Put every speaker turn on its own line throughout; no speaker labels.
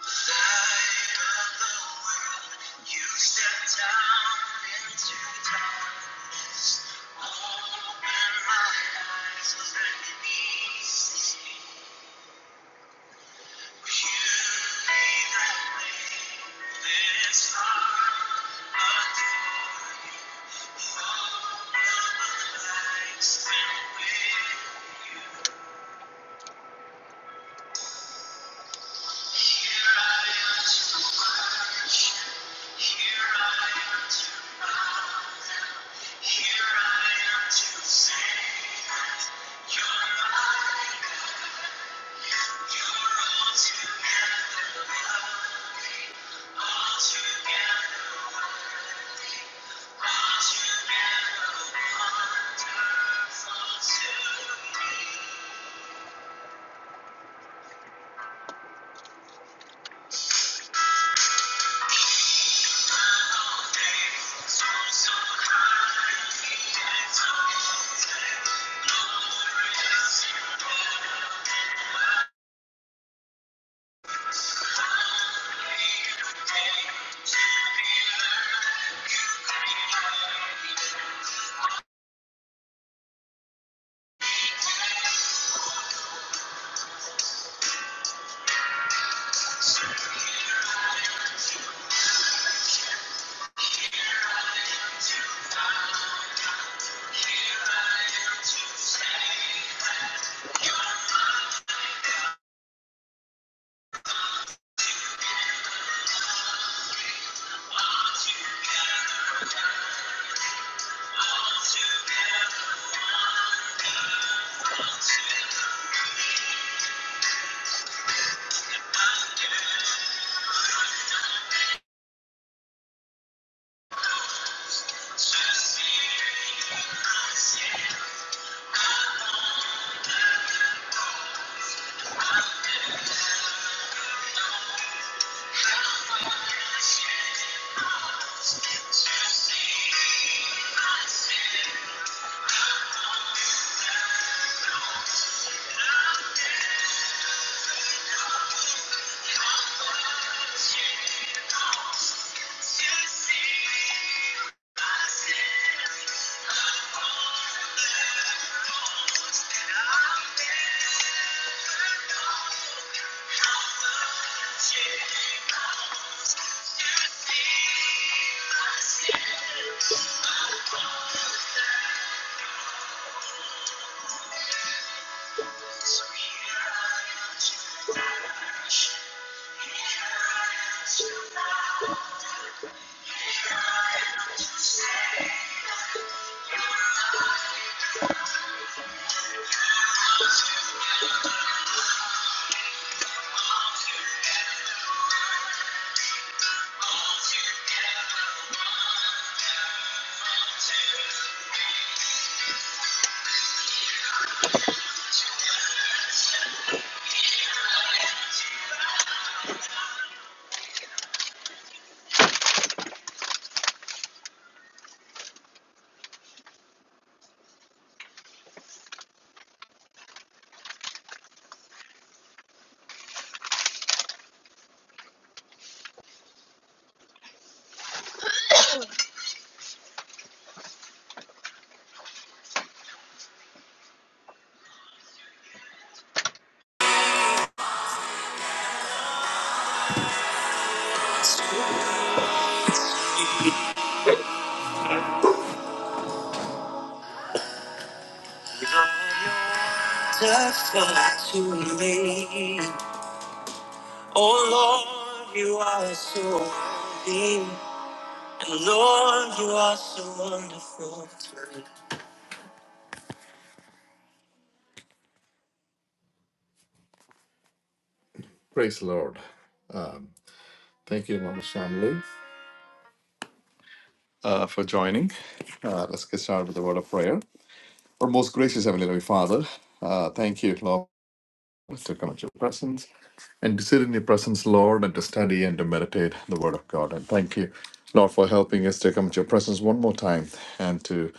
Light of the world, you step down into darkness. Open my eyes, let me see. Beauty that made this heart adore. Love lights and with you. Here I am to worship. Here I am to bow. Here I am to say that you're my God. You're altogether lovely, altogether worthy, altogether wonderful to me. Just see, I see. Yeah. Thank you. So here I am to touch. Here I am to love. Here I am to say that you are my light. All together, all together, all together, wonder. All together, together, together, together. Death to me. Oh Lord, you are so worthy. And Lord, you are so wonderful to me. Praise the Lord. Um, thank you, Mama Shamli, uh, for joining. Uh, let's get started with the word of prayer. Our most gracious Heavenly Father, uh, thank you, Lord. Let's to come at your presence and to sit in your presence, Lord, and to study and to meditate the Word of God. And thank you, Lord, for helping us to come at your presence one more time and to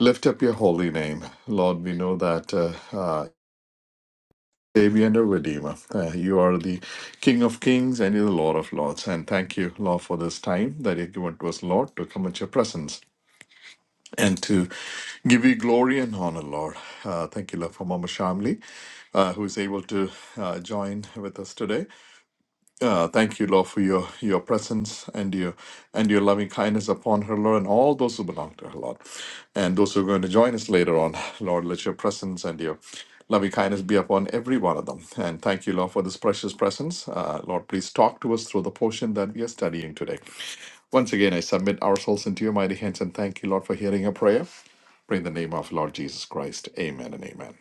lift up your holy name. Lord, we know that uh, uh, Savior and a Redeemer, uh, you are the King of Kings and you're the Lord of Lords. And thank you, Lord, for this time that you given to us, Lord, to come at your presence and to give you glory and honor, Lord. Uh, thank you, Lord, for Mama Shamli, uh, who is able to uh, join with us today. Uh, thank you, Lord, for your, your presence and your and your loving kindness upon her, Lord, and all those who belong to her, Lord. And those who are going to join us later on, Lord, let your presence and your loving kindness be upon every one of them. And thank you, Lord, for this precious presence. Uh, Lord, please talk to us through the portion that we are studying today. Once again, I submit ourselves into your mighty hands and thank you, Lord, for hearing our prayer. Pray in the name of Lord Jesus Christ. Amen and amen.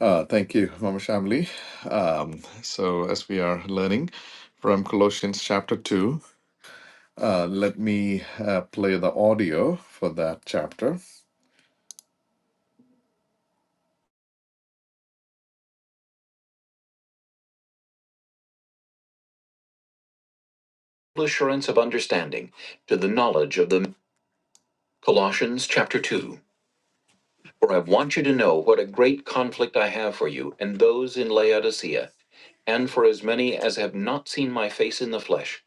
Uh, thank you, Mama Shamli. Um, so, as we are learning from Colossians chapter 2, uh, let me uh, play the audio for that chapter. Assurance of understanding to the knowledge of the Colossians chapter 2. For I want you to know what a great conflict I have for you and those in Laodicea and for as many as have not seen my face in the flesh,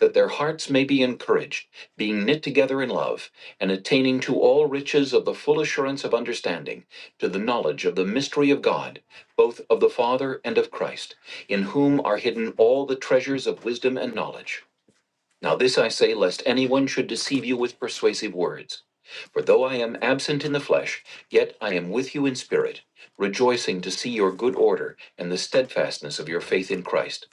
that their hearts may be encouraged, being knit together in love, and attaining to all riches of the full assurance of understanding, to the knowledge of the mystery of God, both of the Father and of Christ, in whom are hidden all the treasures of wisdom and knowledge. Now this I say, lest anyone should deceive you with persuasive words. For though I am absent in the flesh, yet I am with you in spirit, rejoicing to see your good order and the steadfastness of your faith in Christ.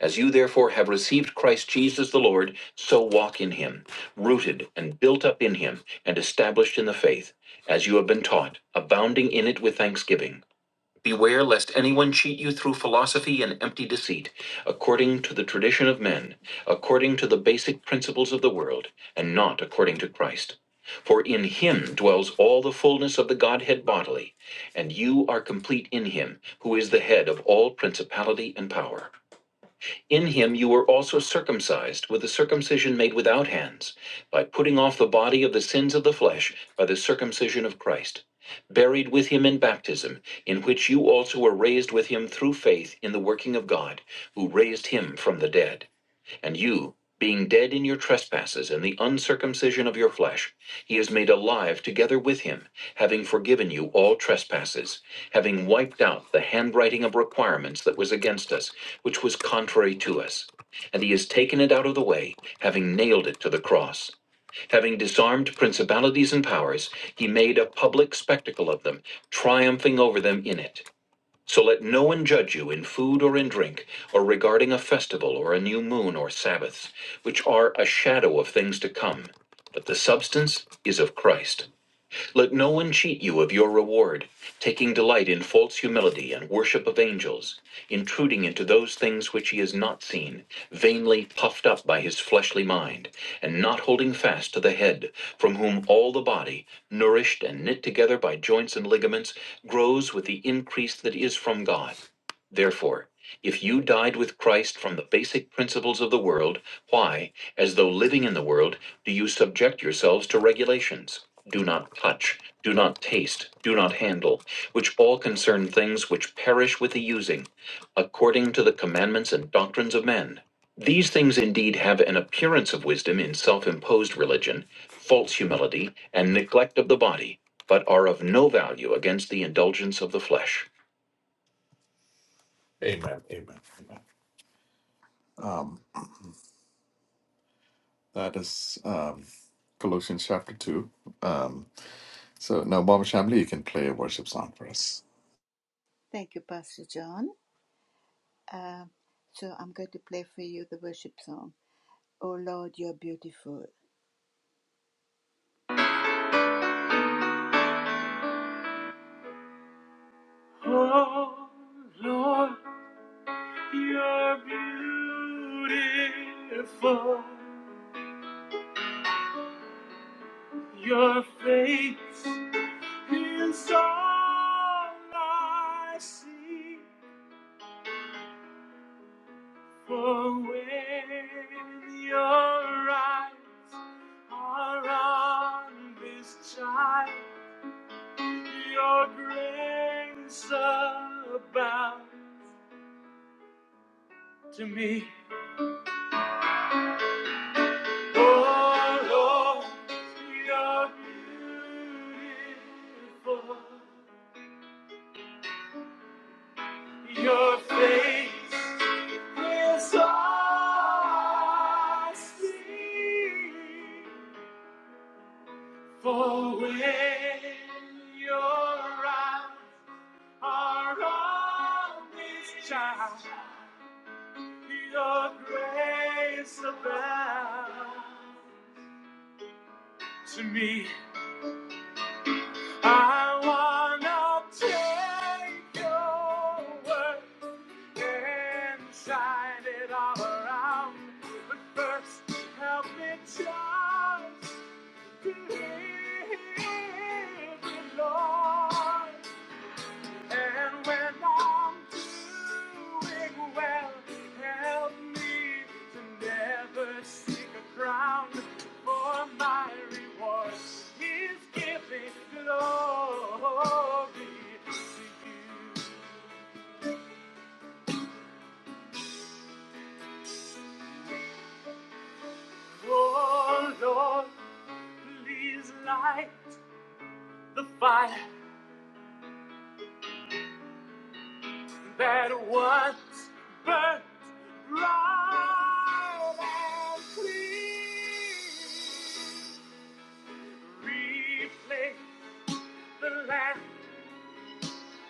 As you therefore have received Christ Jesus the Lord, so walk in him, rooted and built up in him, and established in the faith, as you have been taught, abounding in it with thanksgiving. Beware lest anyone cheat you through philosophy and empty deceit, according to the tradition of men, according to the basic principles of the world, and not according to Christ. For in him dwells all the fullness of the Godhead bodily, and you are complete in him, who is the head of all principality and power. In him you were also circumcised with a circumcision made without hands, by putting off the body of the sins of the flesh by the circumcision of Christ, buried with him in baptism, in which you also were raised with him through faith in the working of God, who raised him from the dead. And you, being dead in your trespasses and the uncircumcision of your flesh, he is made alive together with him, having forgiven you all trespasses, having wiped out the handwriting of requirements that was against us, which was contrary to us. And he has taken it out of the way, having nailed it to the cross. Having disarmed principalities and powers, he made a public spectacle of them, triumphing over them in it. So let no one judge you in food or in drink, or regarding a festival or a new moon or Sabbaths, which are a shadow of things to come, but the substance is of Christ. Let no one cheat you of your reward, taking delight in false humility and worship of angels, intruding into those things which he has not seen, vainly puffed up by his fleshly mind, and not holding fast to the head, from whom all the body, nourished and knit together by joints and ligaments, grows with the increase that is from God. Therefore, if you died with Christ from the basic principles of the world, why, as though living in the world, do you subject yourselves to regulations? Do not touch, do not taste, do not handle, which all concern things which perish with the using, according to the commandments and doctrines of men. These things indeed have an appearance of wisdom in self imposed religion, false humility, and neglect of the body, but are of no value against the indulgence of the flesh. Amen. Amen. Amen. Um, That is um, Colossians chapter 2. Um, so now, Baba Shamli, you can play a worship song for us.
Thank you, Pastor John. Uh, so I'm going to play for you the worship song. Oh Lord, you're beautiful. Oh Lord, you're beautiful. Your face is all I see. For when your eyes are on this child. Your grace abound to me. Oh Lord, you're beautiful. Your face is all I see. For when your eyes are on this child. Your grace abound to me. I wanna take your word and shine it all around. But first, help me just believe, it, Lord. And when I'm doing well, help me to never seek a crown, for my reward is giving glory to you. Oh Lord, please light the fire that once burnt bright and clean. replay the last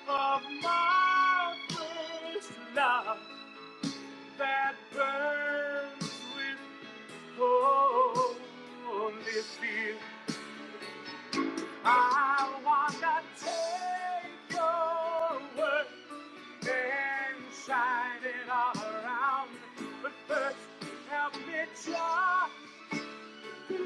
of my first love that burns with holy fear. I wanna take your word and shine it all around, but first help me just Lord,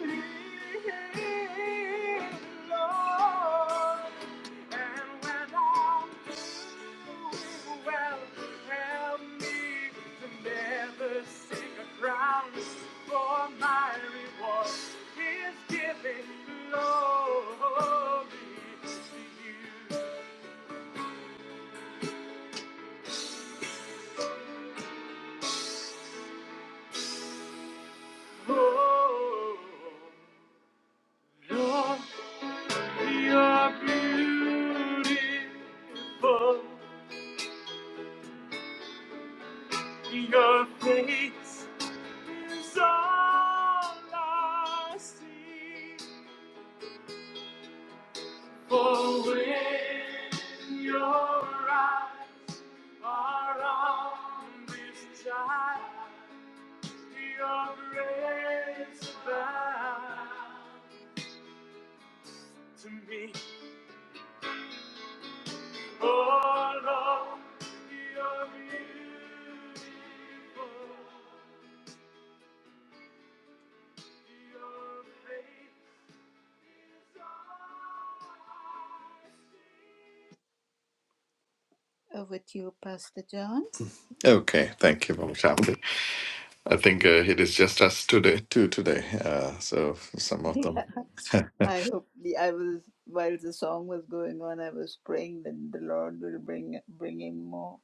you're beautiful. Your face is all I see. For when your eyes are on this child, your grace abounds to me. Oh Lord, you're beautiful. Your face is all I see. Over to you, Pastor John.
Okay, thank you, Baba Shamli. I think uh, it is just us today, two today. Uh, so some of
Yeah,
them.
I hope the, I was while the song was going on, I was praying that the Lord will bring bring him more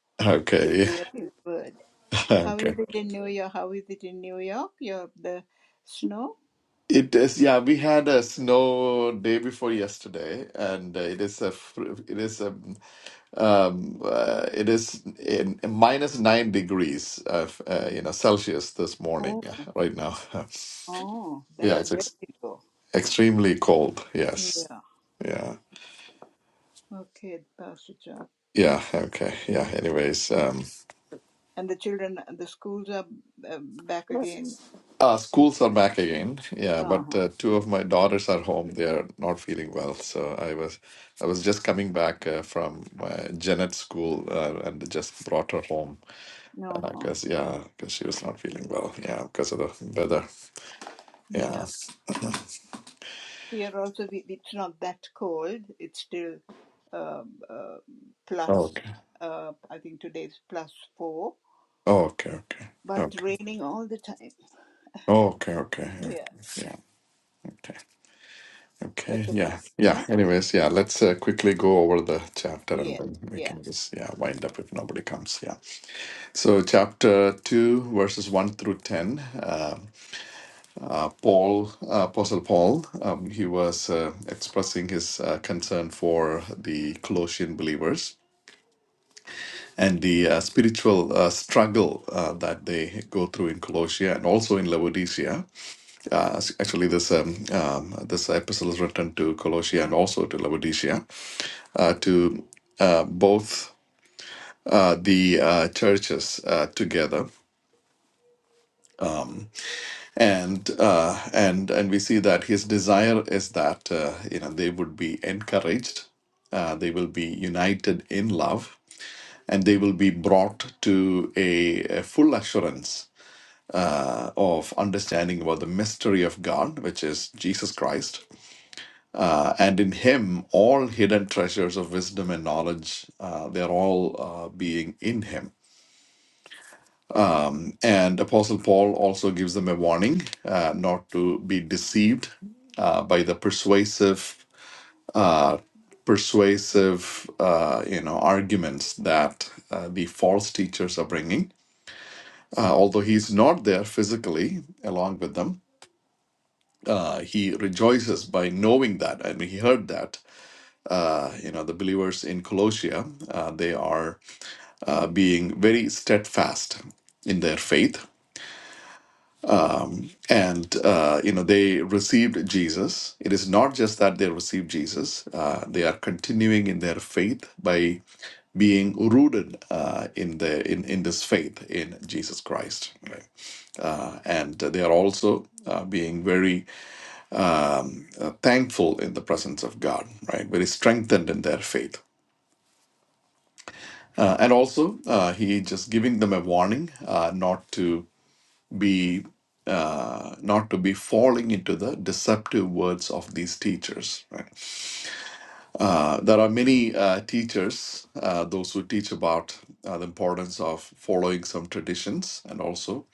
to
Okay,
hear His word. How is
okay.
it in New York? How is it in New York? Your the snow?
It is, yeah, we had a snow day before yesterday, and uh, it is a, fr- it is a, um, uh, it is in, minus nine degrees of, uh, you know, Celsius this morning,
Oh,
uh, right now.
oh,
Yeah,
that's
it's ex-
very low.
Extremely cold, yes.
Yeah.
Yeah.
Okay, Pastor John.
Yeah, okay. Yeah, anyways, um
And the children, the schools are uh, back again.
uh schools are back again. Yeah,
Uh
but
huh.
uh, two of my daughters are home. They are not feeling well. So I was I was just coming back uh, from uh, Janet school uh, and just brought her home
No. Uh-huh.
because yeah, because she was not feeling well. Yeah, because of the weather.
Yeah.
Yeah.
Here also, we, it's not that cold. It's still um, uh, plus,
Okay.
uh, I think today is plus four,
Oh, okay, okay.
but
Okay.
raining all the time.
Okay, okay. Okay.
Yeah.
Yeah. Okay. Okay,
Okay,
yeah,
Pastor.
yeah. Anyways, yeah, let's uh, quickly go over the chapter and
Yeah.
then we
Yeah.
can just, yeah, wind up if nobody comes. Yeah. So, chapter 2, verses 1 through 10, uh, uh, Paul, uh, Apostle Paul, um, he was uh, expressing his uh, concern for the Colossian believers and the uh, spiritual uh, struggle uh, that they go through in Colossia and also in Laodicea. Uh, s- actually, this um, um, this epistle is written to Colossia and also to Laodicea. uh, to uh, both uh, the uh, churches uh, together. And uh, and and we see that his desire is that uh, you know they would be encouraged, uh, they will be united in love, and they will be brought to a, a full assurance uh, of understanding about the mystery of God, which is Jesus Christ. Uh, and in Him, all hidden treasures of wisdom and knowledge, uh, they're all uh, being in Him. And Apostle Paul also gives them a warning uh, not to be deceived uh, by the persuasive, uh, persuasive, uh, you know, arguments that uh, the false teachers are bringing. Uh, although he's not there physically along with them, uh, he rejoices by knowing that. I mean, he heard that, uh, you know, the believers in Colossia, uh, they are uh, being very steadfast in their faith and uh, you know they received jesus it is not just that they received jesus uh, they are continuing in their faith by being rooted uh, in the in, in this faith in jesus christ right? uh, and they are also uh, being very uh, thankful in the presence of god right very strengthened in their faith uh, and also, uh, he just giving them a warning uh, not to be uh, not to be falling into the deceptive words of these teachers. Right? Uh, there are many uh, teachers, uh, those who teach about uh, the importance of following some traditions and also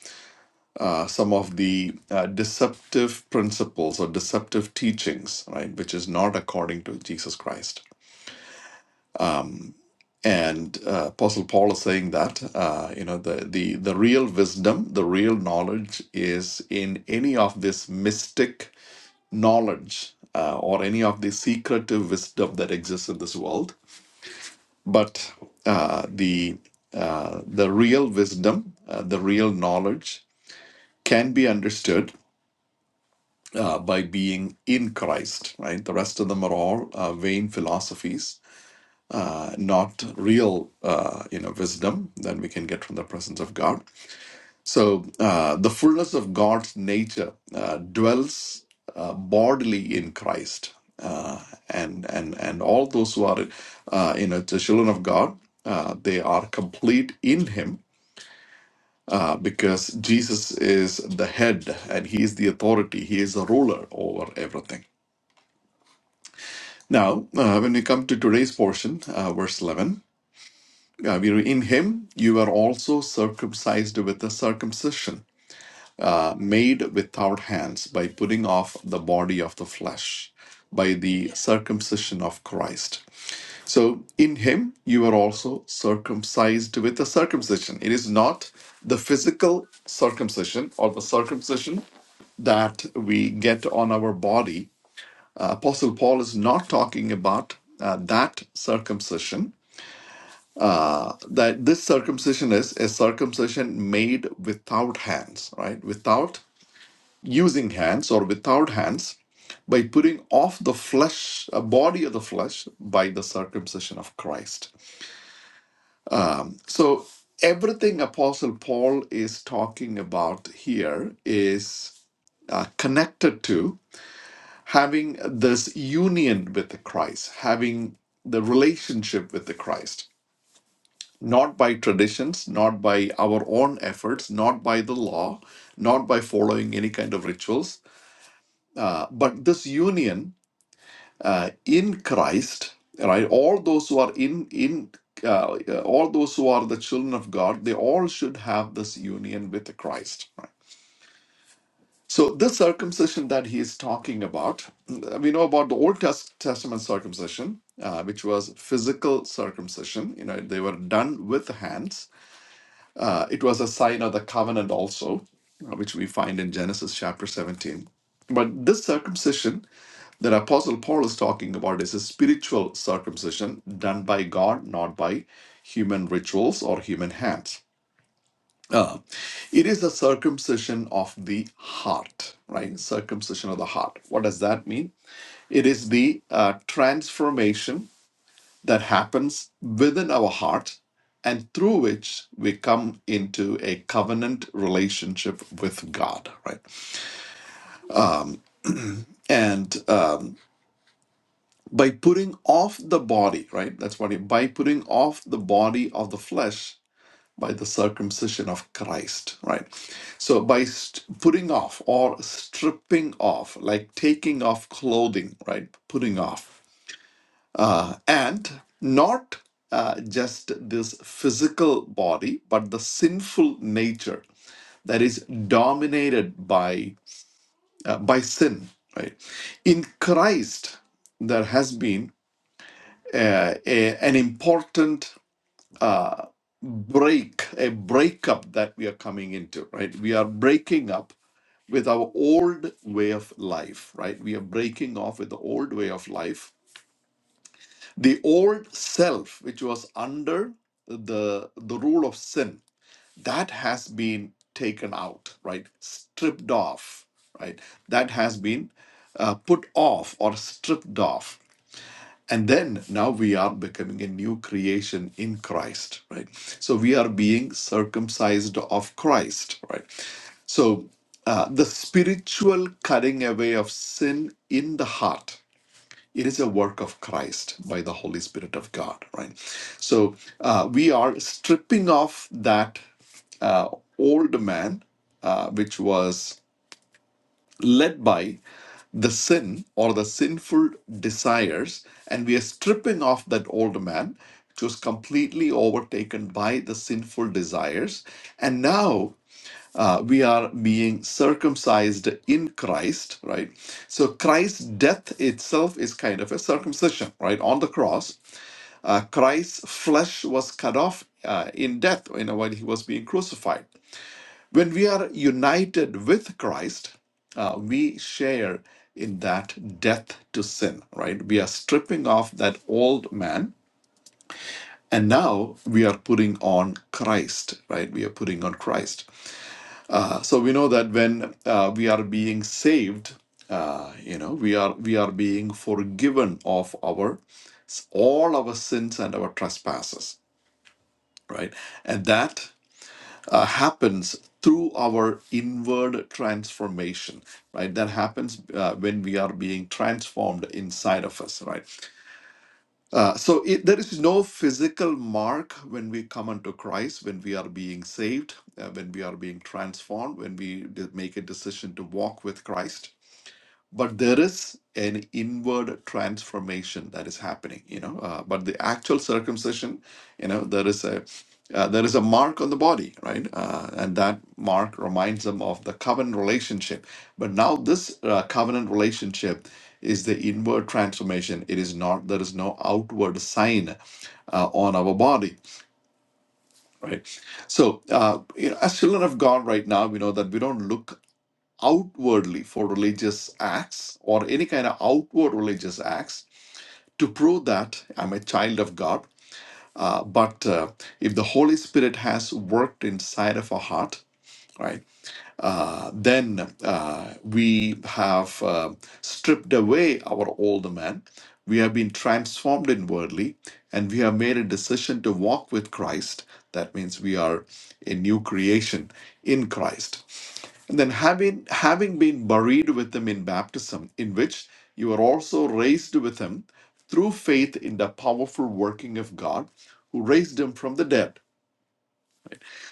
uh, some of the uh, deceptive principles or deceptive teachings, right, which is not according to Jesus Christ. Um, And uh, Apostle Paul is saying that uh, you know the the the real wisdom, the real knowledge is in any of this mystic knowledge uh, or any of the secretive wisdom that exists in this world. But uh, the uh, the real wisdom, uh, the real knowledge, can be understood uh, by being in Christ. Right. The rest of them are all uh, vain philosophies uh, not real uh, you know wisdom that we can get from the presence of god so uh, the fullness of god's nature uh, dwells uh, bodily in christ uh, and and and all those who are uh, you know the children of god uh, they are complete in him uh, because jesus is the head and he is the authority he is the ruler over everything now uh, when we come to today's portion uh, verse 11 Yeah, we read, in him you were also circumcised with a circumcision, uh, made without hands, by putting off the body of the flesh, by the circumcision of Christ. So in him you were also circumcised with a circumcision. It is not the physical circumcision or the circumcision that we get on our body. Uh, Apostle Paul is not talking about uh, that circumcision that this circumcision is a circumcision made without hands, right? Without using hands or without hands by putting off the flesh, a body of the flesh, by the circumcision of Christ. So everything Apostle Paul is talking about here is uh, connected to having this union with the Christ, having the relationship with the Christ not by traditions, not by our own efforts, not by the law, not by following any kind of rituals, uh, but this union uh, in Christ, right? All those who are in in uh, uh, all those who are the children of God, they all should have this union with Christ. Right? So this circumcision that he is talking about, uh, we know about the Old Test- Testament circumcision, uh, which was physical circumcision. You know, they were done with hands Uh, it was a sign of the covenant also, uh, which we find in Genesis chapter 17. But this circumcision that Apostle Paul is talking about is a spiritual circumcision done by God, not by human rituals or human hands. Uh, it is the circumcision of the heart, right? Circumcision of the heart. What does that mean? It is the uh, transformation that happens within our heart and through which we come into a covenant relationship with God, right? Um, and um, by putting off the body, right? That's what it, by putting off the body of the flesh by the circumcision of Christ, right? So by st- putting off or stripping off, like taking off clothing, right? Putting off. Uh, and not uh, just this physical body, but the sinful nature that is dominated by uh, by sin. Right? In Christ, there has been uh, a, an important uh, break, a breakup that we are coming into. Right? We are breaking up with our old way of life. Right? We are breaking off with the old way of life the old self which was under the the rule of sin that has been taken out right stripped off right that has been uh, put off or stripped off and then now we are becoming a new creation in christ right so we are being circumcised of christ right so uh, the spiritual cutting away of sin in the heart it is a work of Christ by the Holy Spirit of God, right? So uh, we are stripping off that uh, old man, uh, which was led by the sin or the sinful desires, and we are stripping off that old man, which was completely overtaken by the sinful desires. And now uh, we are being circumcised in Christ, right? So Christ's death itself is kind of a circumcision, right? On the cross, uh, Christ's flesh was cut off uh, in death, you know, while he was being crucified. When we are united with Christ, uh, we share in that death to sin, right? We are stripping off that old man, and now we are putting on Christ, right? We are putting on Christ. Uh, so we know that when uh, we are being saved, uh, you know, we are we are being forgiven of our all our sins and our trespasses, right? And that uh, happens through our inward transformation, right? That happens uh, when we are being transformed inside of us, right? Uh, so it, there is no physical mark when we come unto Christ, when we are being saved, uh, when we are being transformed, when we de- make a decision to walk with Christ but there is an inward transformation that is happening you know uh, but the actual circumcision you know there is a uh, there is a mark on the body right uh, and that mark reminds them of the covenant relationship but now this uh, covenant relationship is the inward transformation it is not there is no outward sign uh, on our body right so uh, you know, as children of god right now we know that we don't look outwardly for religious acts or any kind of outward religious acts to prove that I'm a child of God. Uh, but uh, if the Holy Spirit has worked inside of a heart, right? Uh, then uh, we have uh, stripped away our old man. We have been transformed inwardly, and we have made a decision to walk with Christ. That means we are a new creation in Christ. And then having having been buried with him in baptism, in which you are also raised with him through faith in the powerful working of God, who raised him from the dead.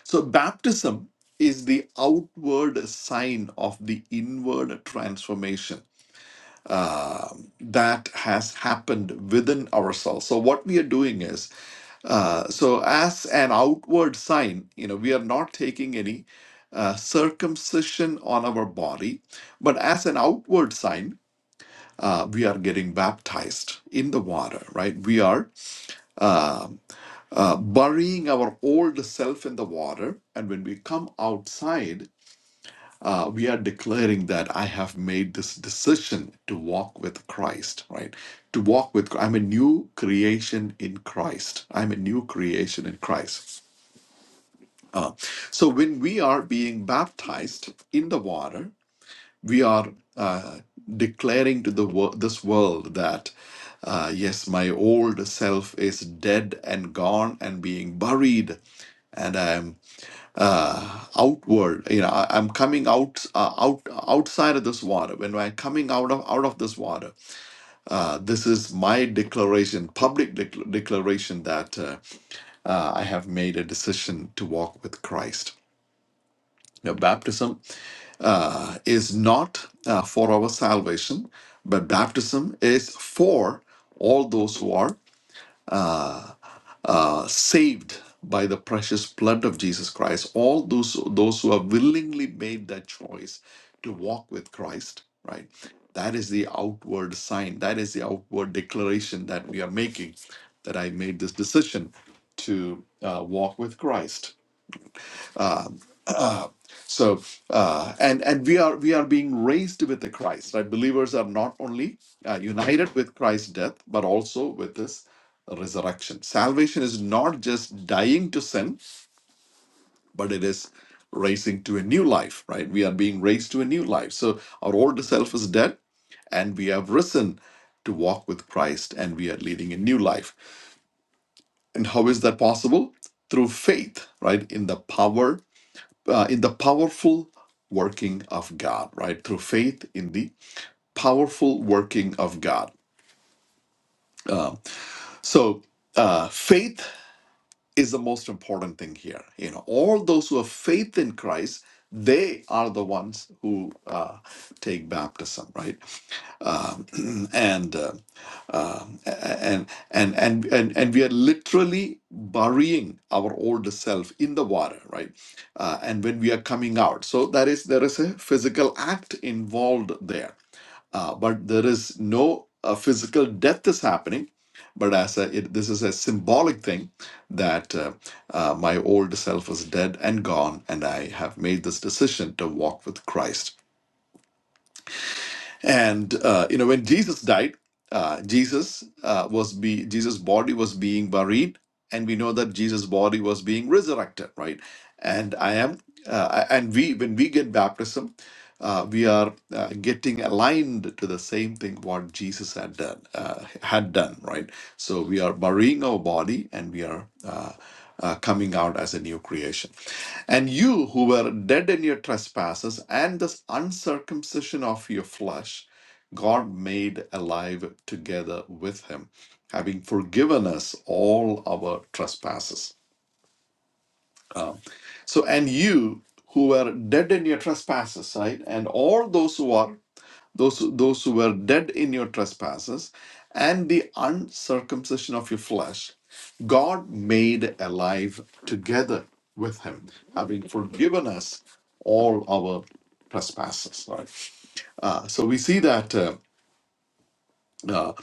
So, baptism is the outward sign of the inward transformation uh, that has happened within ourselves. So, what we are doing is, uh, so as an outward sign, you know, we are not taking any uh, circumcision on our body, but as an outward sign, uh, we are getting baptized in the water, right? We are. uh, uh, burying our old self in the water. And when we come outside, uh, we are declaring that I have made this decision to walk with Christ, right? To walk with, I'm a new creation in Christ. I'm a new creation in Christ. Uh, so when we are being baptized in the water, we are uh, declaring to the wor- this world that uh, yes, my old self is dead and gone and being buried and I'm uh, outward. You know, I, I'm coming out uh, out outside of this water. When I'm coming out of out of this water, uh, this is my declaration, public dec- declaration that uh, uh, I have made a decision to walk with Christ. Now, baptism uh, is not uh, for our salvation, but baptism is for all those who are uh, saved by the precious blood of Jesus Christ. All those those who have willingly made that choice to walk with Christ, right? That is the outward sign. That is the outward declaration that we are making that I made this decision to uh, walk with Christ. So, uh, and and we are we are being raised with the Christ. Right, believers are not only uh, united with Christ's death, but also with His resurrection. Salvation is not just dying to sin, but it is raising to a new life, right? We are being raised to a new life. So our old self is dead, and we have risen to walk with Christ, and we are leading a new life. And how is that possible? Through faith, right? In the power, uh, in the powerful working of God, right? Through faith in the powerful working of God. Um, so uh, faith is the most important thing here. You know, all those who have faith in Christ, they are the ones who uh, take baptism, right? Um, and, uh, um, and and and and and we are literally burying our old self in the water, right? Uh, and when we are coming out, so that is there is a physical act involved there uh, but there is no uh, physical death is happening. But as a, it, this is a symbolic thing that uh, uh, my old self is dead and gone, and I have made this decision to walk with Christ. And uh, you know, when Jesus died, uh, Jesus uh, was be Jesus' body was being buried, and we know that Jesus' body was being resurrected, right? And I am, uh, and we when we get baptism, uh, we are uh, getting aligned to the same thing what Jesus had done, uh, had done, right? So we are burying our body, and we are uh, uh, coming out as a new creation. And you who were dead in your trespasses and this uncircumcision of your flesh, God made alive together with him, having forgiven us all our trespasses. Um, so, and you who were dead in your trespasses, right? And all those who are those those who were dead in your trespasses and the uncircumcision of your flesh God made alive together with him, having forgiven us all our trespasses. Right? Uh, so we see that uh, uh,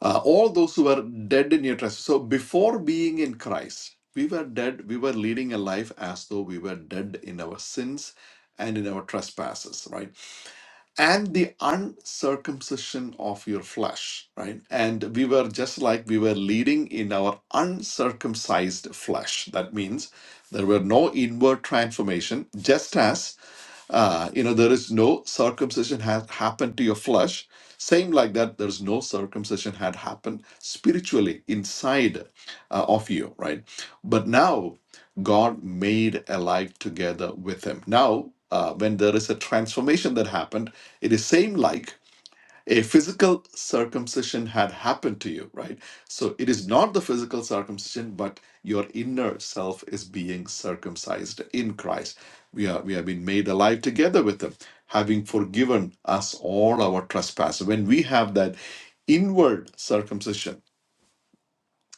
uh, all those who were dead in your trespasses. So before being in Christ, we were dead. We were leading a life as though we were dead in our sins and in our trespasses. Right? and the uncircumcision of your flesh, right? And we were just like we were leading in our uncircumcised flesh. That means there were no inward transformation, just as uh, you know, there is no circumcision had happened to your flesh. Same like that, there's no circumcision had happened spiritually inside uh, of you, right? But now God made alive together with him. Now, uh, when there is a transformation that happened, it is same like a physical circumcision had happened to you, right? So it is not the physical circumcision, but your inner self is being circumcised in Christ. We are we have been made alive together with him, having forgiven us all our trespasses. When we have that inward circumcision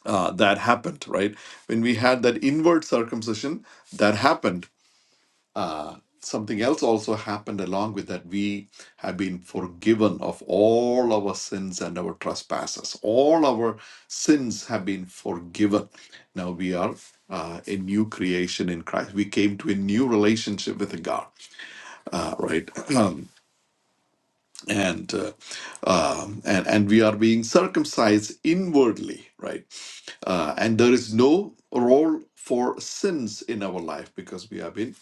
uh, that happened, right? When we had that inward circumcision that happened, uh, something else also happened along with that. We have been forgiven of all our sins and our trespasses. All our sins have been forgiven. Now we are uh, a new creation in Christ. We came to a new relationship with God, uh, right? Um, and uh, um, and and we are being circumcised inwardly, right? Uh, and there is no role for sins in our life because we have been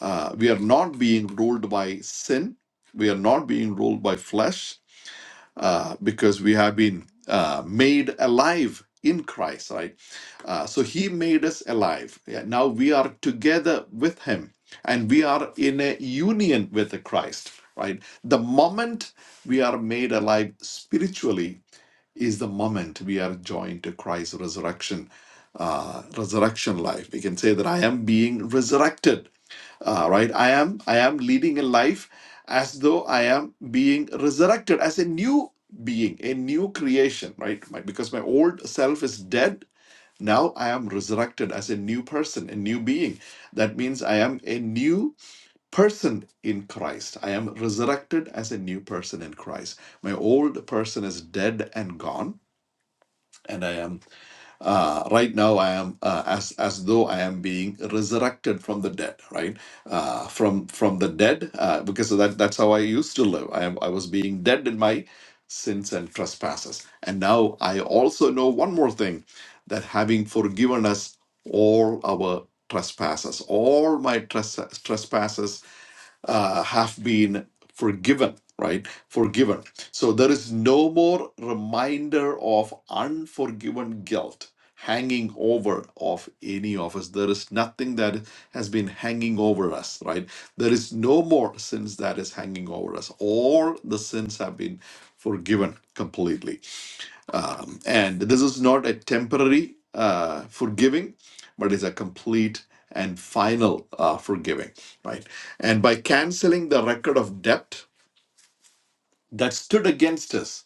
uh, we are not being ruled by sin. We are not being ruled by flesh uh, because we have been uh, made alive in Christ, right? Uh, so He made us alive. Yeah, now we are together with Him and we are in a union with Christ, right? The moment we are made alive spiritually is the moment we are joined to Christ's resurrection. Uh, resurrection life. We can say that I am being resurrected uh, right i am i am leading a life as though i am being resurrected as a new being a new creation right my, because my old self is dead now i am resurrected as a new person a new being that means i am a new person in christ i am resurrected as a new person in christ my old person is dead and gone and i am uh, right now, I am uh, as as though I am being resurrected from the dead, right? Uh, from from the dead, uh, because that that's how I used to live. I am I was being dead in my sins and trespasses, and now I also know one more thing, that having forgiven us all our trespasses, all my tres- trespasses uh, have been forgiven, right? Forgiven. So there is no more reminder of unforgiven guilt hanging over of any of us there is nothing that has been hanging over us right there is no more sins that is hanging over us all the sins have been forgiven completely um, and this is not a temporary uh, forgiving, but it's a complete and final uh, forgiving, right? And by canceling the record of debt that stood against us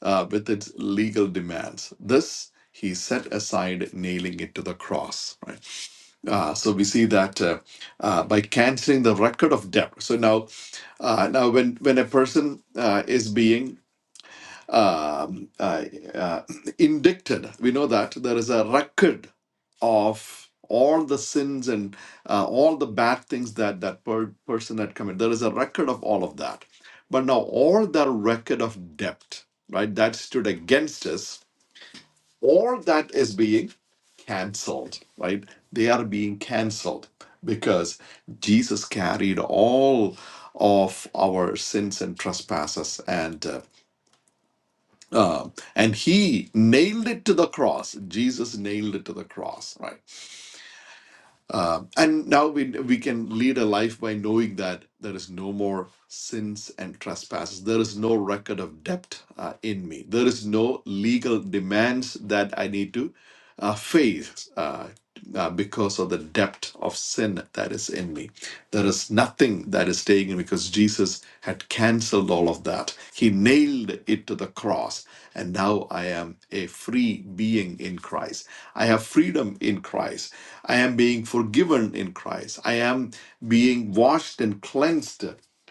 uh, with its legal demands, this he set aside, nailing it to the cross, right? Uh, so we see that uh, uh, by canceling the record of debt. So now, uh, now when when a person uh, is being um, uh, uh, indicted. We know that there is a record of all the sins and uh, all the bad things that that per- person had committed. There is a record of all of that. But now all that record of debt, right, that stood against us, all that is being canceled, right? They are being canceled because Jesus carried all of our sins and trespasses and uh, um, and he nailed it to the cross. Jesus nailed it to the cross, right? Uh, and now we we can lead a life by knowing that there is no more sins and trespasses. There is no record of debt uh, in me. There is no legal demands that I need to uh, face uh, uh, because of the depth of sin that is in me. There is nothing that is taken because Jesus had cancelled all of that. He nailed it to the cross, and now I am a free being in Christ. I have freedom in Christ. I am being forgiven in Christ. I am being washed and cleansed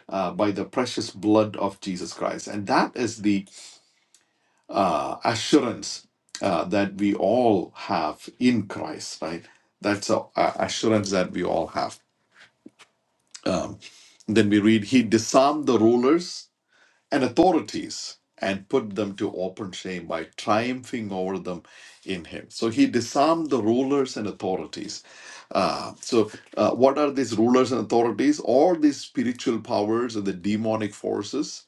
uh, by the precious blood of Jesus Christ. And that is the uh, assurance uh, that we all have in Christ, right? That's an assurance that we all have. Um, then we read, He disarmed the rulers and authorities and put them to open shame by triumphing over them in him. So he disarmed the rulers and authorities. Uh, so, uh, what are these rulers and authorities? All these spiritual powers and the demonic forces.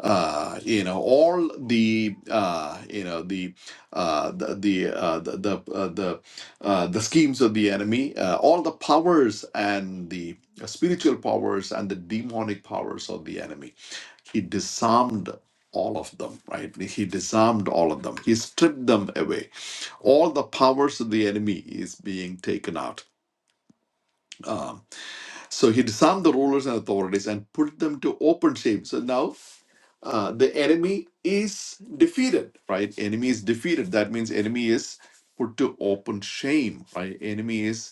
Uh, you know all the uh, you know the uh, the the uh, the the, uh, the, uh, the schemes of the enemy, uh, all the powers and the spiritual powers and the demonic powers of the enemy he disarmed all of them right he disarmed all of them he stripped them away all the powers of the enemy is being taken out um, so he disarmed the rulers and authorities and put them to open shame so now uh, the enemy is defeated right enemy is defeated that means enemy is put to open shame right enemy is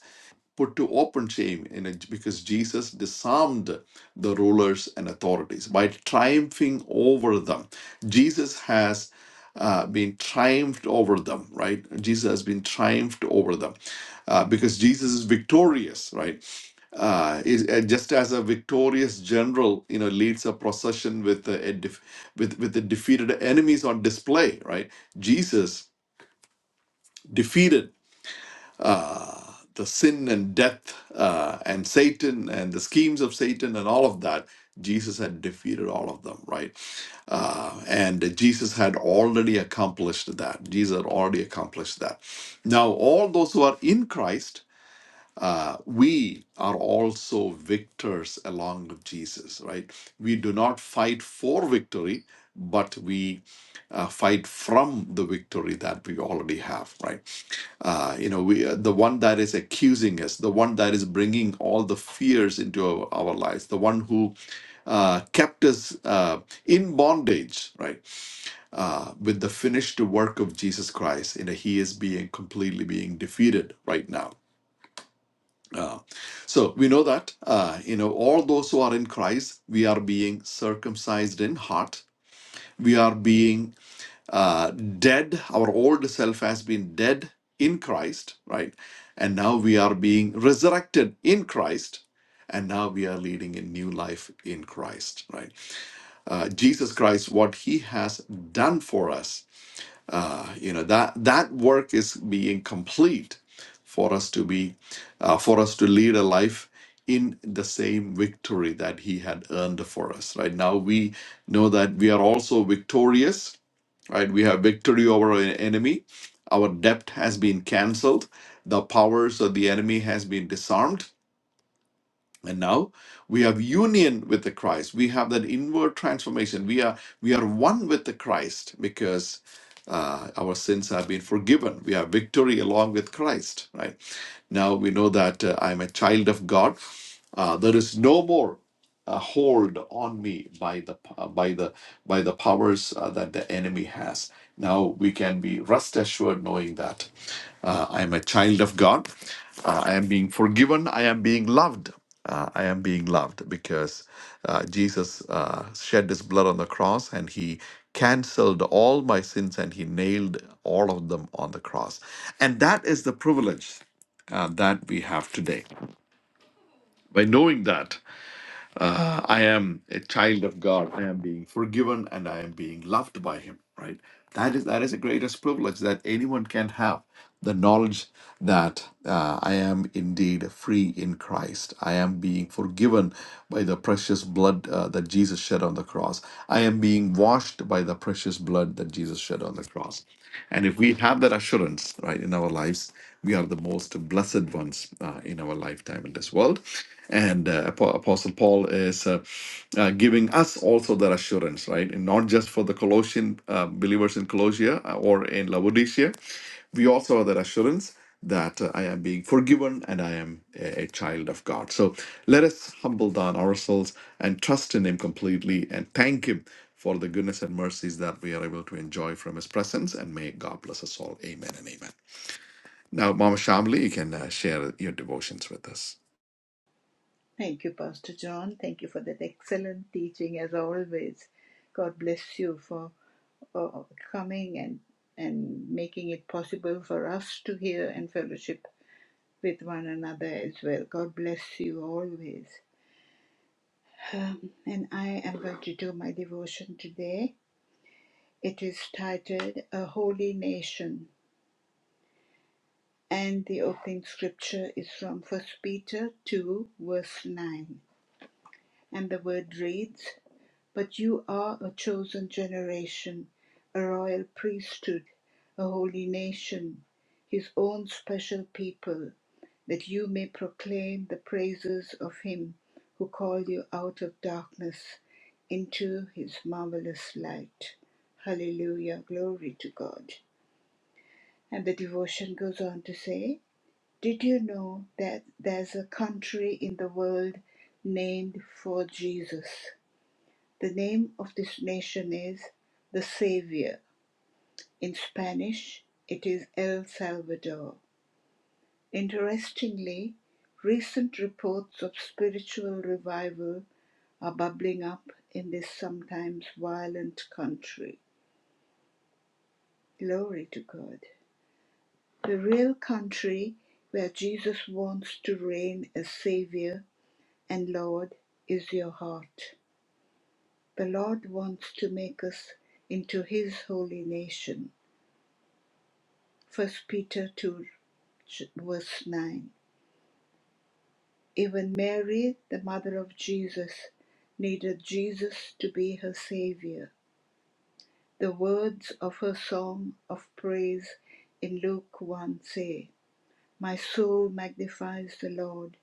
put to open shame in it because Jesus disarmed the rulers and authorities by triumphing over them. Jesus has uh, been triumphed over them, right? Jesus has been triumphed over them uh, because Jesus is victorious, right? Uh, is, uh, just as a victorious general, you know, leads a procession with a, a def- with with the defeated enemies on display, right? Jesus defeated uh, the sin and death uh, and Satan and the schemes of Satan and all of that, Jesus had defeated all of them, right? Uh, and Jesus had already accomplished that. Jesus had already accomplished that. Now, all those who are in Christ, uh, we are also victors along with Jesus, right? We do not fight for victory, but we uh, fight from the victory that we already have, right? Uh, you know, we uh, the one that is accusing us, the one that is bringing all the fears into our, our lives, the one who uh, kept us uh, in bondage, right? Uh, with the finished work of Jesus Christ, you know, he is being completely being defeated right now. Uh, so we know that uh, you know all those who are in Christ, we are being circumcised in heart. We are being uh, dead. Our old self has been dead in Christ, right? And now we are being resurrected in Christ. And now we are leading a new life in Christ, right? Uh, Jesus Christ, what he has done for us, uh, you know, that, that work is being complete for us to be, uh, for us to lead a life in the same victory that he had earned for us, right? Now we know that we are also victorious right we have victory over our enemy our debt has been cancelled the powers of the enemy has been disarmed and now we have union with the christ we have that inward transformation we are we are one with the christ because uh, our sins have been forgiven we have victory along with christ right now we know that uh, I'm a child of God. Uh, there is no more a hold on me by the uh, by the by the powers uh, that the enemy has. Now we can be rest assured knowing that uh, I am a child of God. Uh, I am being forgiven. I am being loved. Uh, I am being loved because uh, Jesus uh, shed his blood on the cross and he canceled all my sins and he nailed all of them on the cross. And that is the privilege uh, that we have today. By knowing that, uh, I am a child of God, I am being forgiven, and I am being loved by Him. Right? That is that is the greatest privilege that anyone can have. The knowledge that uh, I am indeed free in Christ. I am being forgiven by the precious blood uh, that Jesus shed on the cross. I am being washed by the precious blood that Jesus shed on the cross. And if we have that assurance, right, in our lives, we are the most blessed ones uh, in in our lifetime in this world. And uh, Apo- Apostle Paul is uh, uh, giving us also that assurance, right? And not just for the Colossian uh, believers in Colossia uh, or in Laodicea, we also have that assurance that uh, I am being forgiven and I am a, a child of God. So let us humble down ourselves and trust in Him completely and thank Him for the goodness and mercies that we are able to enjoy from His presence. And may God bless us all. Amen and amen. Now, Mama Shamli, you can uh, share your devotions with us.
Thank you, Pastor John. Thank you for that excellent teaching as always. God bless you for uh, coming and and making it possible for us to hear and fellowship with one another as well. God bless you always. Um, and I am going to do my devotion today. It is titled A Holy Nation, and the opening scripture is from First Peter 2, verse 9. And the word reads But you are a chosen generation, a royal priesthood, a holy nation, his own special people, that you may proclaim the praises of him who called you out of darkness into his marvelous light. Hallelujah. Glory to God. And the devotion goes on to say, Did you know that there's a country in the world named for Jesus? The name of this nation is the Savior. In Spanish, it is El Salvador. Interestingly, recent reports of spiritual revival are bubbling up in this sometimes violent country. Glory to God. The real country where Jesus wants to reign as Savior and Lord is your heart. The Lord wants to make us into His holy nation First Peter 2 verse 9. Even Mary, the mother of Jesus, needed Jesus to be her Savior. The words of her song of praise in Luke 1 say, My soul magnifies the Lord,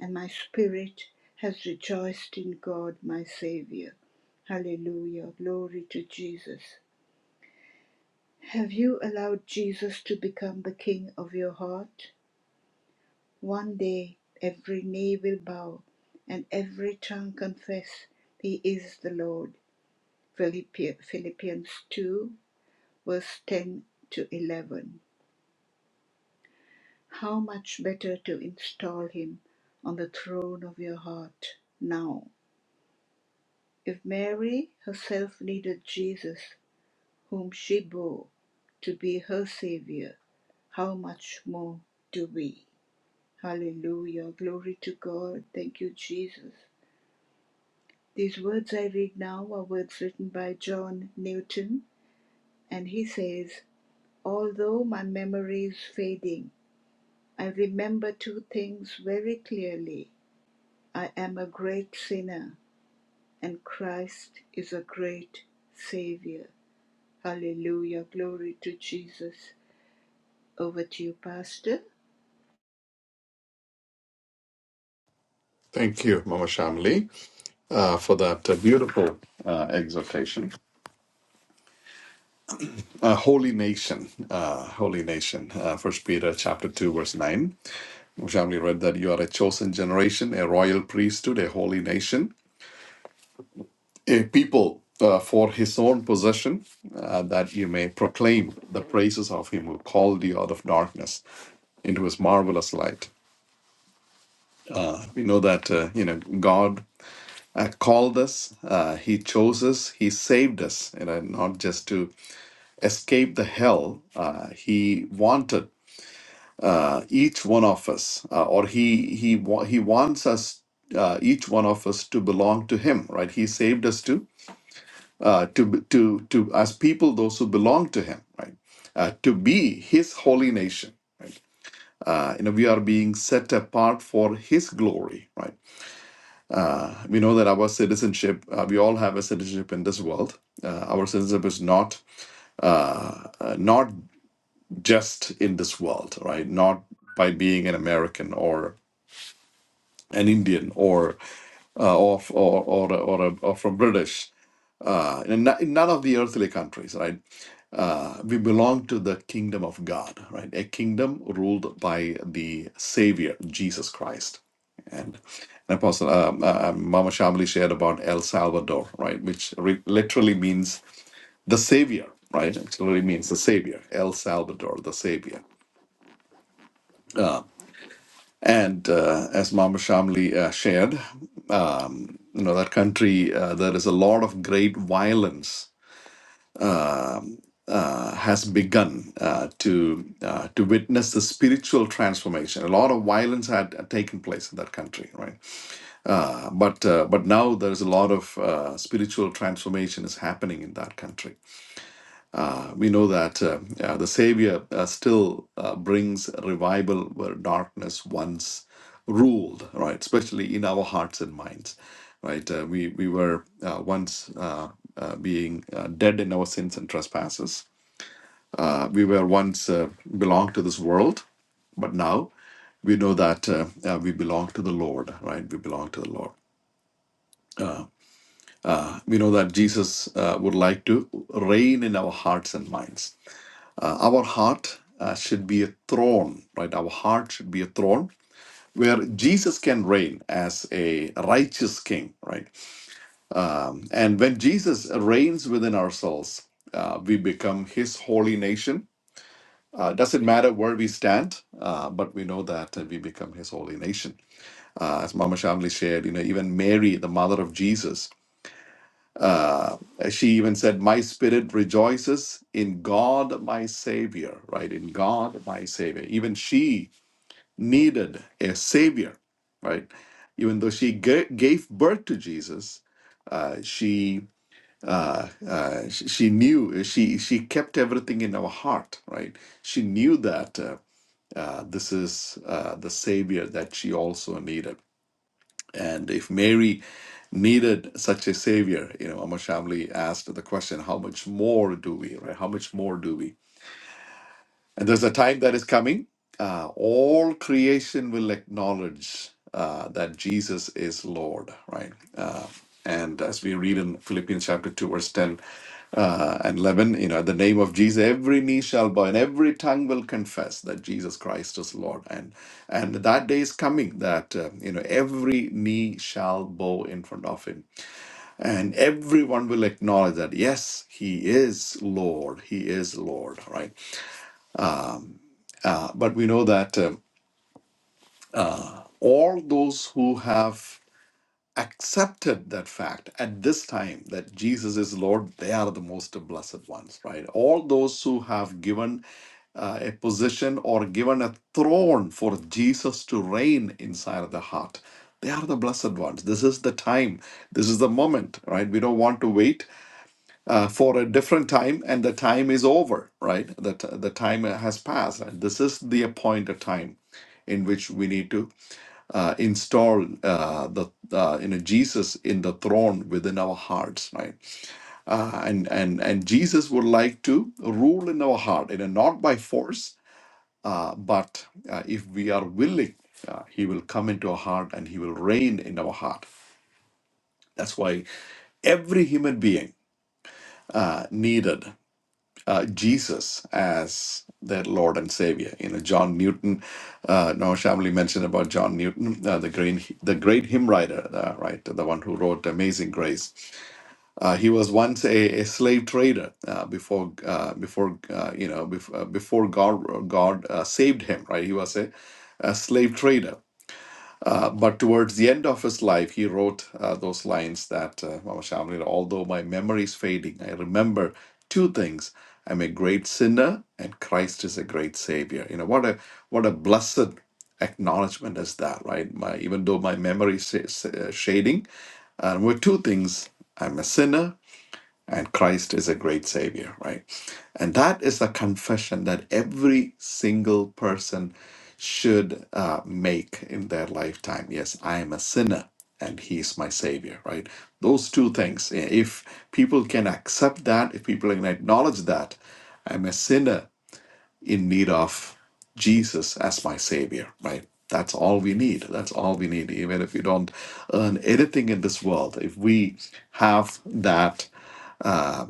and my spirit has rejoiced in God my Savior. Hallelujah. Glory to Jesus. Have you allowed Jesus to become the King of your heart? One day every knee will bow and every tongue confess He is the Lord. Philippians 2, verse 10 to 11. How much better to install Him on the throne of your heart now. If Mary herself needed Jesus, whom she bore, to be her Savior, how much more do we? Hallelujah. Glory to God. Thank you, Jesus. These words I read now are words written by John Newton, and he says, Although my memory is fading, I remember two things very clearly. I am a great sinner, and Christ is a great Savior. Hallelujah. Glory to Jesus. Over to you, Pastor.
Thank you, Mama Shamli, uh, for that uh, beautiful uh, exhortation. Uh, Holy Nation, uh, Holy Nation, uh, First Peter chapter 2, verse 9. Mama Shamli read that you are a chosen generation, a royal priesthood, a holy nation, a people uh, for his own possession, uh, that you may proclaim the praises of him who called you out of darkness into his marvelous light. Uh, we know that, uh, you know, God uh, called us, uh, He chose us, He saved us, you know, not just to escape the hell uh, he wanted uh, each one of us, uh, or he he wa- he wants us uh, each one of us to belong to him, right? He saved us to uh, to be- to to as people, those who belong to him, right? Uh, to be his holy nation. Uh, you know, we are being set apart for His glory, right? Uh, we know that our citizenship, uh, we all have a citizenship in this world. Uh, our citizenship is not uh, uh, not just in this world, right? Not by being an American or an Indian or uh, or or or or, a, or from British. Uh, in, no- in none of the earthly countries, right? Uh, we belong to the kingdom of God, right? A kingdom ruled by the Savior, Jesus Christ. And, and Apostle um, uh, um, Mama Shamli shared about El Salvador, right? Which re- literally means the Savior, right? It literally means the Savior, El Salvador, the Savior And uh, as Mama Shamli uh, shared, you know that country uh, there is a lot of great violence uh, has begun uh, to uh, to witness the spiritual transformation. A lot of violence had uh, taken place in that country, right? Uh, but uh, but now there is a lot of uh, spiritual transformation is happening in that country Uh, we know that uh, uh, the Savior uh, still uh, brings revival where darkness once ruled, right? Especially in our hearts and minds, right? Uh, we we were uh, once uh, uh, being uh, dead in our sins and trespasses. Uh, we were once uh, belonged to this world, but now we know that uh, uh, we belong to the Lord, right? We belong to the Lord. Uh, we know that Jesus uh, would like to reign in our hearts and minds Uh, our heart uh, should be a throne, right? Our heart should be a throne where Jesus can reign as a righteous king, right? Um, and when Jesus reigns within ourselves, uh, we become his holy nation. Uh, doesn't matter where we stand, uh, but we know that uh, we become his holy nation. Uh, as Mama Shamli shared, you know, even Mary, the mother of Jesus, uh, she even said, My spirit rejoices in God, my Savior, right? In God, my Savior. Even she needed a Savior, right? Even though she ga- gave birth to Jesus, uh, she. Uh, uh, she, she knew she she kept everything in her heart, right? She knew that uh, uh, this is uh, the savior that she also needed. And if Mary needed such a savior, you know, Amar Shamli asked the question, how much more do we, right? How much more do we? And there's a time that is coming. Uh, all creation will acknowledge uh, that Jesus is Lord, right? Uh, and as we read in Philippians chapter 2, verse 10 uh, and 11, you know, at the name of Jesus, every knee shall bow and every tongue will confess that Jesus Christ is Lord. And and that day is coming that, uh, you know, every knee shall bow in front of him. And everyone will acknowledge that, yes, he is Lord. He is Lord, right? Uh, but we know that um, all those who have accepted that fact at this time that Jesus is Lord, they are the most blessed ones, right? All those who have given uh, a position or given a throne for Jesus to reign inside of the heart, they are the blessed ones. This is the time, this is the moment, right? We don't want to wait uh, for a different time, and the time is over, right? That the the time has passed. And this is the appointed time in which we need to uh, install uh, the uh, you know Jesus in the throne within our hearts, right? Uh, and and and Jesus would like to rule in our heart, you know, not by force, uh, but uh, if we are willing, uh, He will come into our heart and He will reign in our heart. That's why every human being uh, needed uh, Jesus as their Lord and Savior. You know, John Newton. Uh, now, Shamli mentioned about John Newton, uh, the great the great hymn writer, uh, right, the one who wrote "Amazing Grace." Uh, he was once a, a slave trader uh, before uh, before uh, you know before, uh, before God God uh, saved him. Right, he was a, a slave trader uh, but towards the end of his life, he wrote uh, those lines that uh, Mama Shamli, although my memory is fading, I remember two things. I'm a great sinner, and Christ is a great Savior. You know, what a what a blessed acknowledgement is that, right? My, even though my memory is is, uh, shading, I remember two things. I'm a sinner, and Christ is a great savior, right? And that is the confession that every single person should uh, make in their lifetime. Yes, I am a sinner and he's my savior, right? Those two things. If people can accept that, if people can acknowledge that, I'm a sinner in need of Jesus as my savior, right? That's all we need. That's all we need. Even if we don't earn anything in this world, if we have that uh,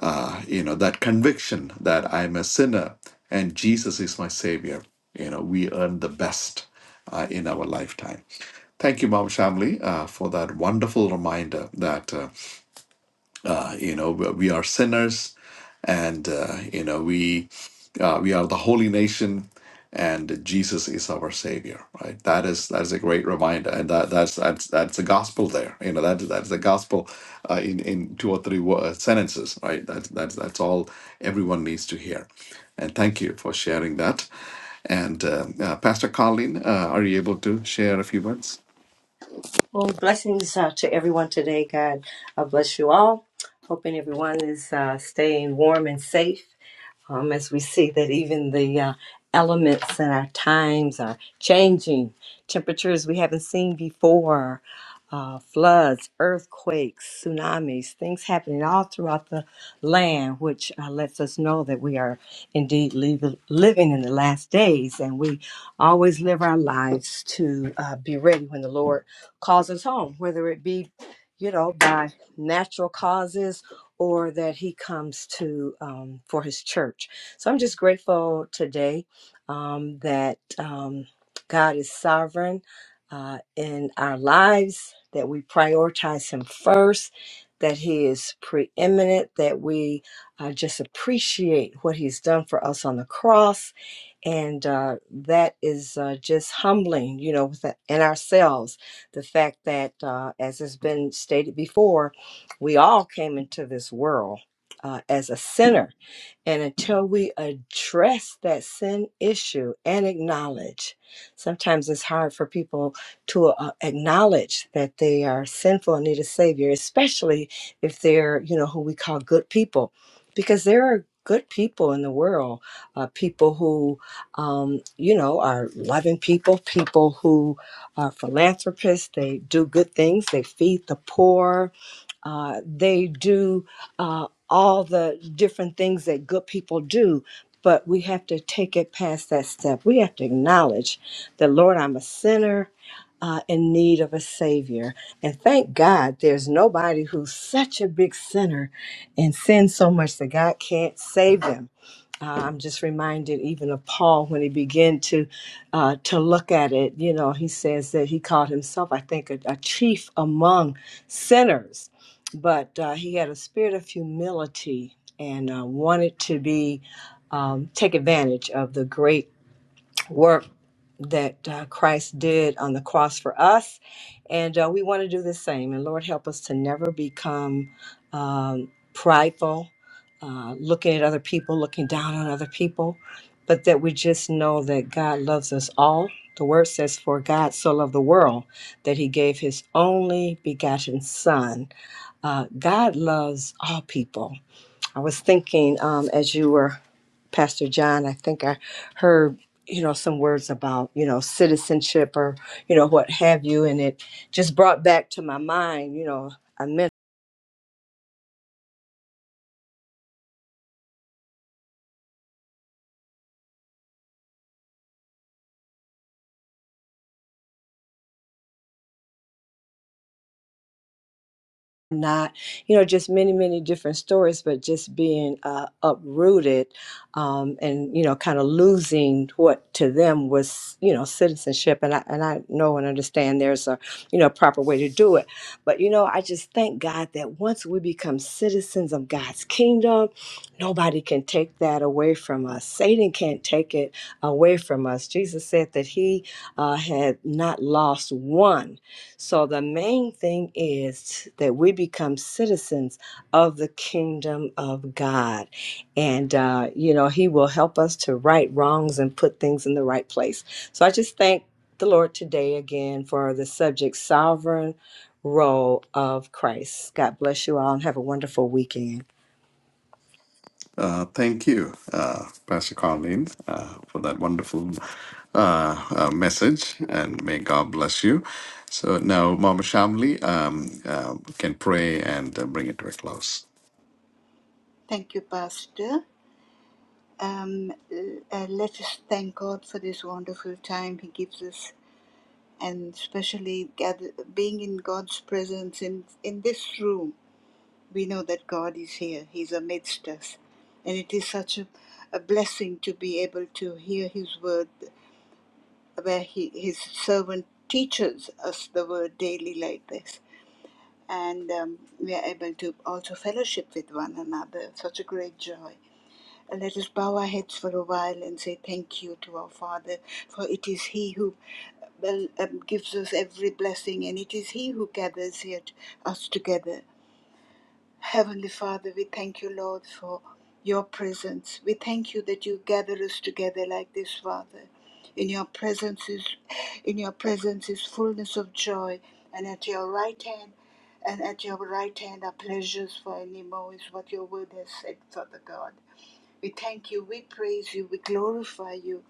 uh, you know, that conviction that I'm a sinner and Jesus is my Savior. You know, we earn the best uh, in our lifetime. Thank you, Mom Shamli, uh, for that wonderful reminder that. uh, uh, you know we we are sinners and uh, you know we uh, we are the holy nation and jesus is our savior right that is that is a great reminder and that that's that's that's the gospel there you know that that's the gospel uh, in in two or three wo- uh, sentences right that's that's that's all everyone needs to hear and thank you for sharing that and um, uh, pastor colleen uh, are you able to share a few words
Well, blessings uh, to everyone today, God. I bless you all. Hoping everyone is uh, staying warm and safe um, as we see that even the uh, elements and our times are changing. Temperatures we haven't seen before, uh, floods, earthquakes, tsunamis, things happening all throughout the land, which uh, lets us know that we are indeed lev- living in the last days. And we always live our lives to uh, be ready when the Lord causes harm, whether it be, you know, by natural causes or that he comes to um, for his church. So I'm just grateful today um, that um, God is sovereign uh, in our lives, that we prioritize him first, that he is preeminent, that we uh, just appreciate what he's done for us on the cross and uh, that is uh, just humbling, you know, within in ourselves the fact that, uh, as has been stated before, we all came into this world uh, as a sinner and until we address that sin issue and acknowledge, sometimes it's hard for people to uh, acknowledge that they are sinful and need a savior, especially if they're, you know, who we call good people, because there are good people in the world, uh, people who, um, you know, are loving people, people who are philanthropists. They do good things. They feed the poor. Uh, they do uh, all the different things that good people do. But we have to take it past that step. We have to acknowledge that, Lord, I'm a sinner uh, in need of a Savior. And thank God there's nobody who's such a big sinner and sins so much that God can't save them uh, I'm just reminded even of Paul when he began to uh, to look at it. You know, he says that he called himself, I think, a, a chief among sinners, but uh, he had a spirit of humility and uh, wanted to be um, take advantage of the great work that uh, Christ did on the cross for us. And uh, we want to do the same. And Lord, help us to never become um, prideful, uh, looking at other people, looking down on other people, but that we just know that God loves us all. The word says, For God so loved the world that he gave his only begotten Son. Uh, God loves all people. I was thinking um, as you were, Pastor John, I think I heard, you know, some words about, you know, citizenship or, you know, what have you. And it just brought back to my mind, you know, I mentioned not you know just many many different stories but just being uh, uprooted um, and you know kind of losing what to them was you know citizenship and I, and I know and understand there's a you know proper way to do it but you know I just thank God that once we become citizens of God's kingdom nobody can take that away from us Satan can't take it away from us Jesus said that he uh, had not lost one so the main thing is that we become citizens of the kingdom of God. And, uh, you know, He will help us to right wrongs and put things in the right place. So I just thank the Lord today again for the subject sovereign role of Christ. God bless you all and have a wonderful weekend.
Uh, thank you, uh, Pastor Colleen, uh, for that wonderful uh, uh, message, and may God bless you. So now, Mama Shamli um, uh, can pray and uh, bring it to a close.
Thank you, Pastor. Um, uh, let us thank God for this wonderful time He gives us and especially gather, being in God's presence in, in this room, we know that God is here, He's amidst us. And it is such a, a blessing to be able to hear His word, where he, His servant teaches us the word daily like this. And um, we are able to also fellowship with one another. Such a great joy let us bow our heads for a while and say thank you to our Father, for it is He who well, um, gives us every blessing, and it is He who gathers yet us together. Heavenly Father, we thank you, Lord, for your presence. We thank you that you gather us together like this, Father. In your presence is, in your presence is fullness of joy, and at your right hand, and at your right hand are pleasures for evermore. is what your word has said, Father God. We thank you, we praise you, we glorify you,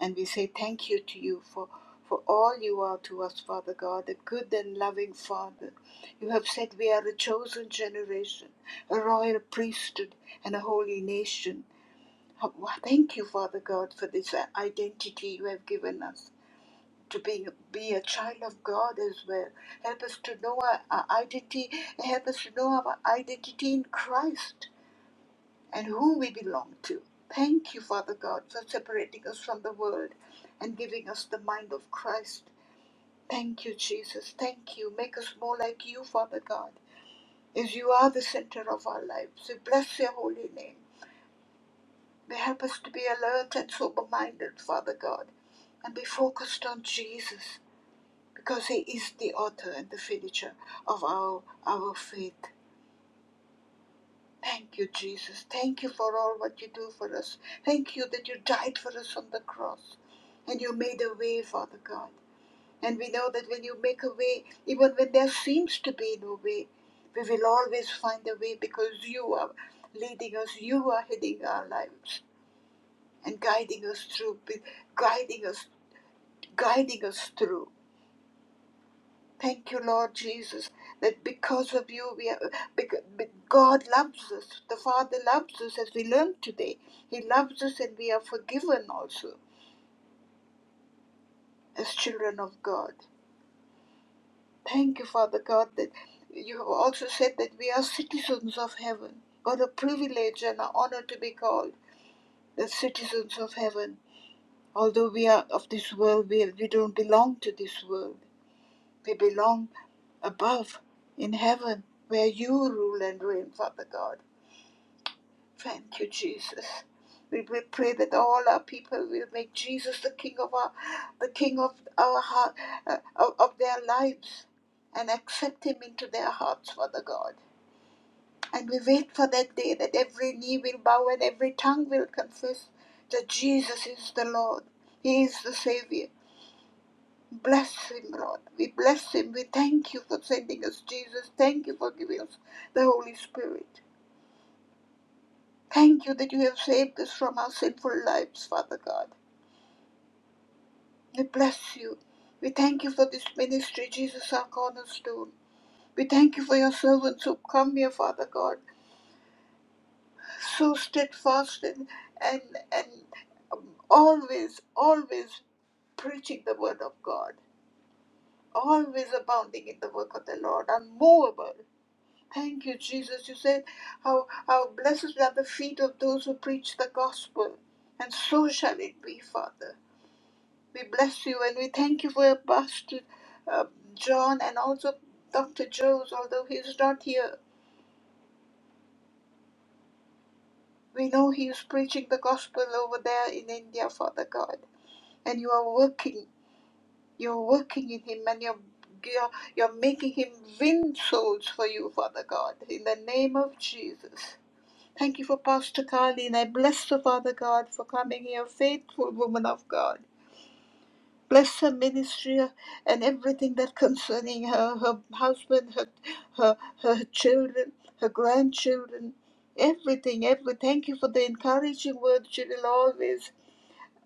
and we say thank you to you for, for all you are to us, Father God, a good and loving Father. You have said we are a chosen generation, a royal priesthood, and a holy nation. Thank you, Father God, for this uh, identity you have given us. To being, be a child of God as well. Help us to know our, our identity. Help us to know our identity in Christ and who we belong to. Thank you, Father God, for separating us from the world and giving us the mind of Christ. Thank you, Jesus. Thank you. Make us more like you, Father God, as you are the center of our lives. We bless your holy name. May help us to be alert and sober minded, Father God, and be focused on Jesus, because he is the author and the finisher of our, our faith. Thank you, Jesus. Thank you for all what you do for us. Thank you that you died for us on the cross and you made a way, Father God. And we know that when you make a way, even when there seems to be no way, we will always find a way because you are leading us, you are heading our lives and guiding us through, guiding us, guiding us through. Thank you, Lord Jesus, that because of you, we are, because God loves us. The Father loves us as we learned today. He loves us and we are forgiven also as children of God. Thank you, Father God, that you have also said that we are citizens of heaven. What a privilege and an honor to be called the citizens of heaven. Although we are of this world, we, we don't belong to this world. We belong above in heaven where you rule and reign, Father God. Thank you, Jesus. We, we pray that all our people will make Jesus the King of our, the King of our heart, uh, of, of their lives, and accept Him into their hearts, Father God. And we wait for that day that every knee will bow and every tongue will confess that Jesus is the Lord. He is the Savior. Bless him, Lord. We bless him. We thank you for sending us Jesus. Thank you for giving us the Holy Spirit. Thank you that you have saved us from our sinful lives, Father God. We bless you. We thank you for this ministry, Jesus, our cornerstone. We thank you for your servants who come here, Father God, so steadfast and and, and um, always, always preaching the word of God, always abounding in the work of the Lord, unmovable, Thank you, Jesus. You said how, how blessed are the feet of those who preach the gospel, and so shall it be, Father. We bless you and we thank you for Pastor uh, John and also Dr. Jones, although he is not here. We know he is preaching the gospel over there in India, Father God. And you are working, you're working in him and you're, you're, you're making him win souls for you, Father God, in the name of Jesus. Thank you for Pastor Carleen. I bless the Father God for coming here, faithful woman of God. Bless her ministry and everything that concerning her, her husband, her, her, her children, her grandchildren, everything, every. Thank you for the encouraging words she will always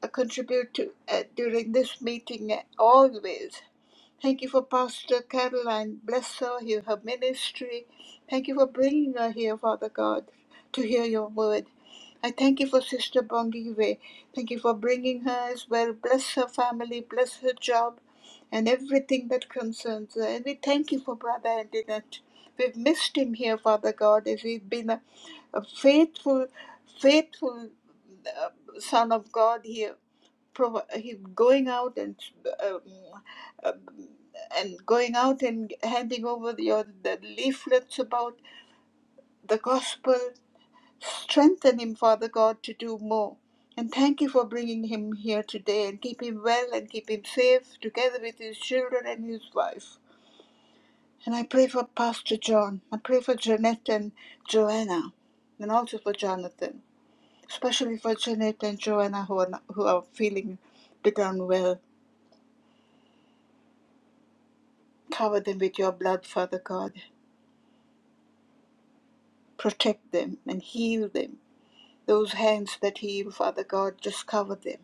uh, contribute to uh, during this meeting, uh, always. Thank you for Pastor Caroline. Bless her, here, her ministry. Thank you for bringing her here, Father God, to hear your word. I thank you for Sister Bongiwe. Thank you for bringing her as well. Bless her family, bless her job, and everything that concerns her. And we thank you for Brother Andinet. We've missed him here, Father God, as he's been a, a faithful, faithful uh, Son of God here provi- he going out and um, um, and going out and handing over your the leaflets about the gospel. Strengthen him, Father God, to do more. And thank you for bringing him here today and keep him well and keep him safe together with his children and his wife. And I pray for Pastor John. I pray for Jeanette and Joanna and also for Jonathan, especially for Jeanette and Joanna who are, not, who are feeling a bit unwell Cover them with your blood, Father God. Protect them and heal them. Those hands that heal, Father God, just cover them.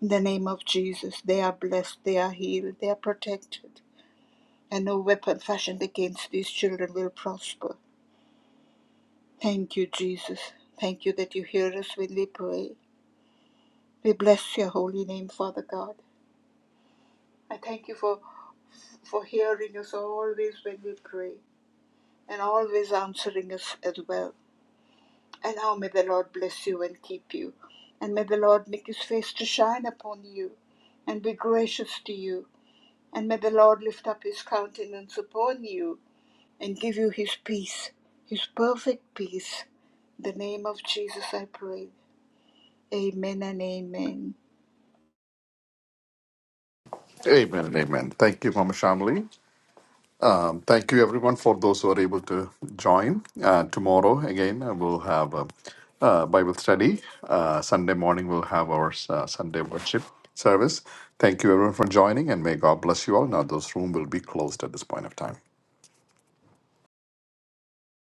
In the name of Jesus, they are blessed, they are healed, they are protected, and no weapon fashioned against these children will prosper. Thank you, Jesus. Thank you that you hear us when we pray. We bless your holy name, Father God. I thank you for for hearing us always when we pray and always answering us as well. And now may the Lord bless you and keep you. And may the Lord make his face to shine upon you and be gracious to you. And may the Lord lift up his countenance upon you and give you his peace, his perfect peace. In the name of Jesus I pray. Amen and amen.
Amen and amen. Thank you, Mama Shamli. Um, thank you, everyone, for those who are able to join. Uh, tomorrow, again, uh, we'll have a, uh, Bible study. Uh, Sunday morning, we'll have our uh, Sunday worship service. Thank you, everyone, for joining, and may God bless you all. Now, those rooms will be closed at this point of time.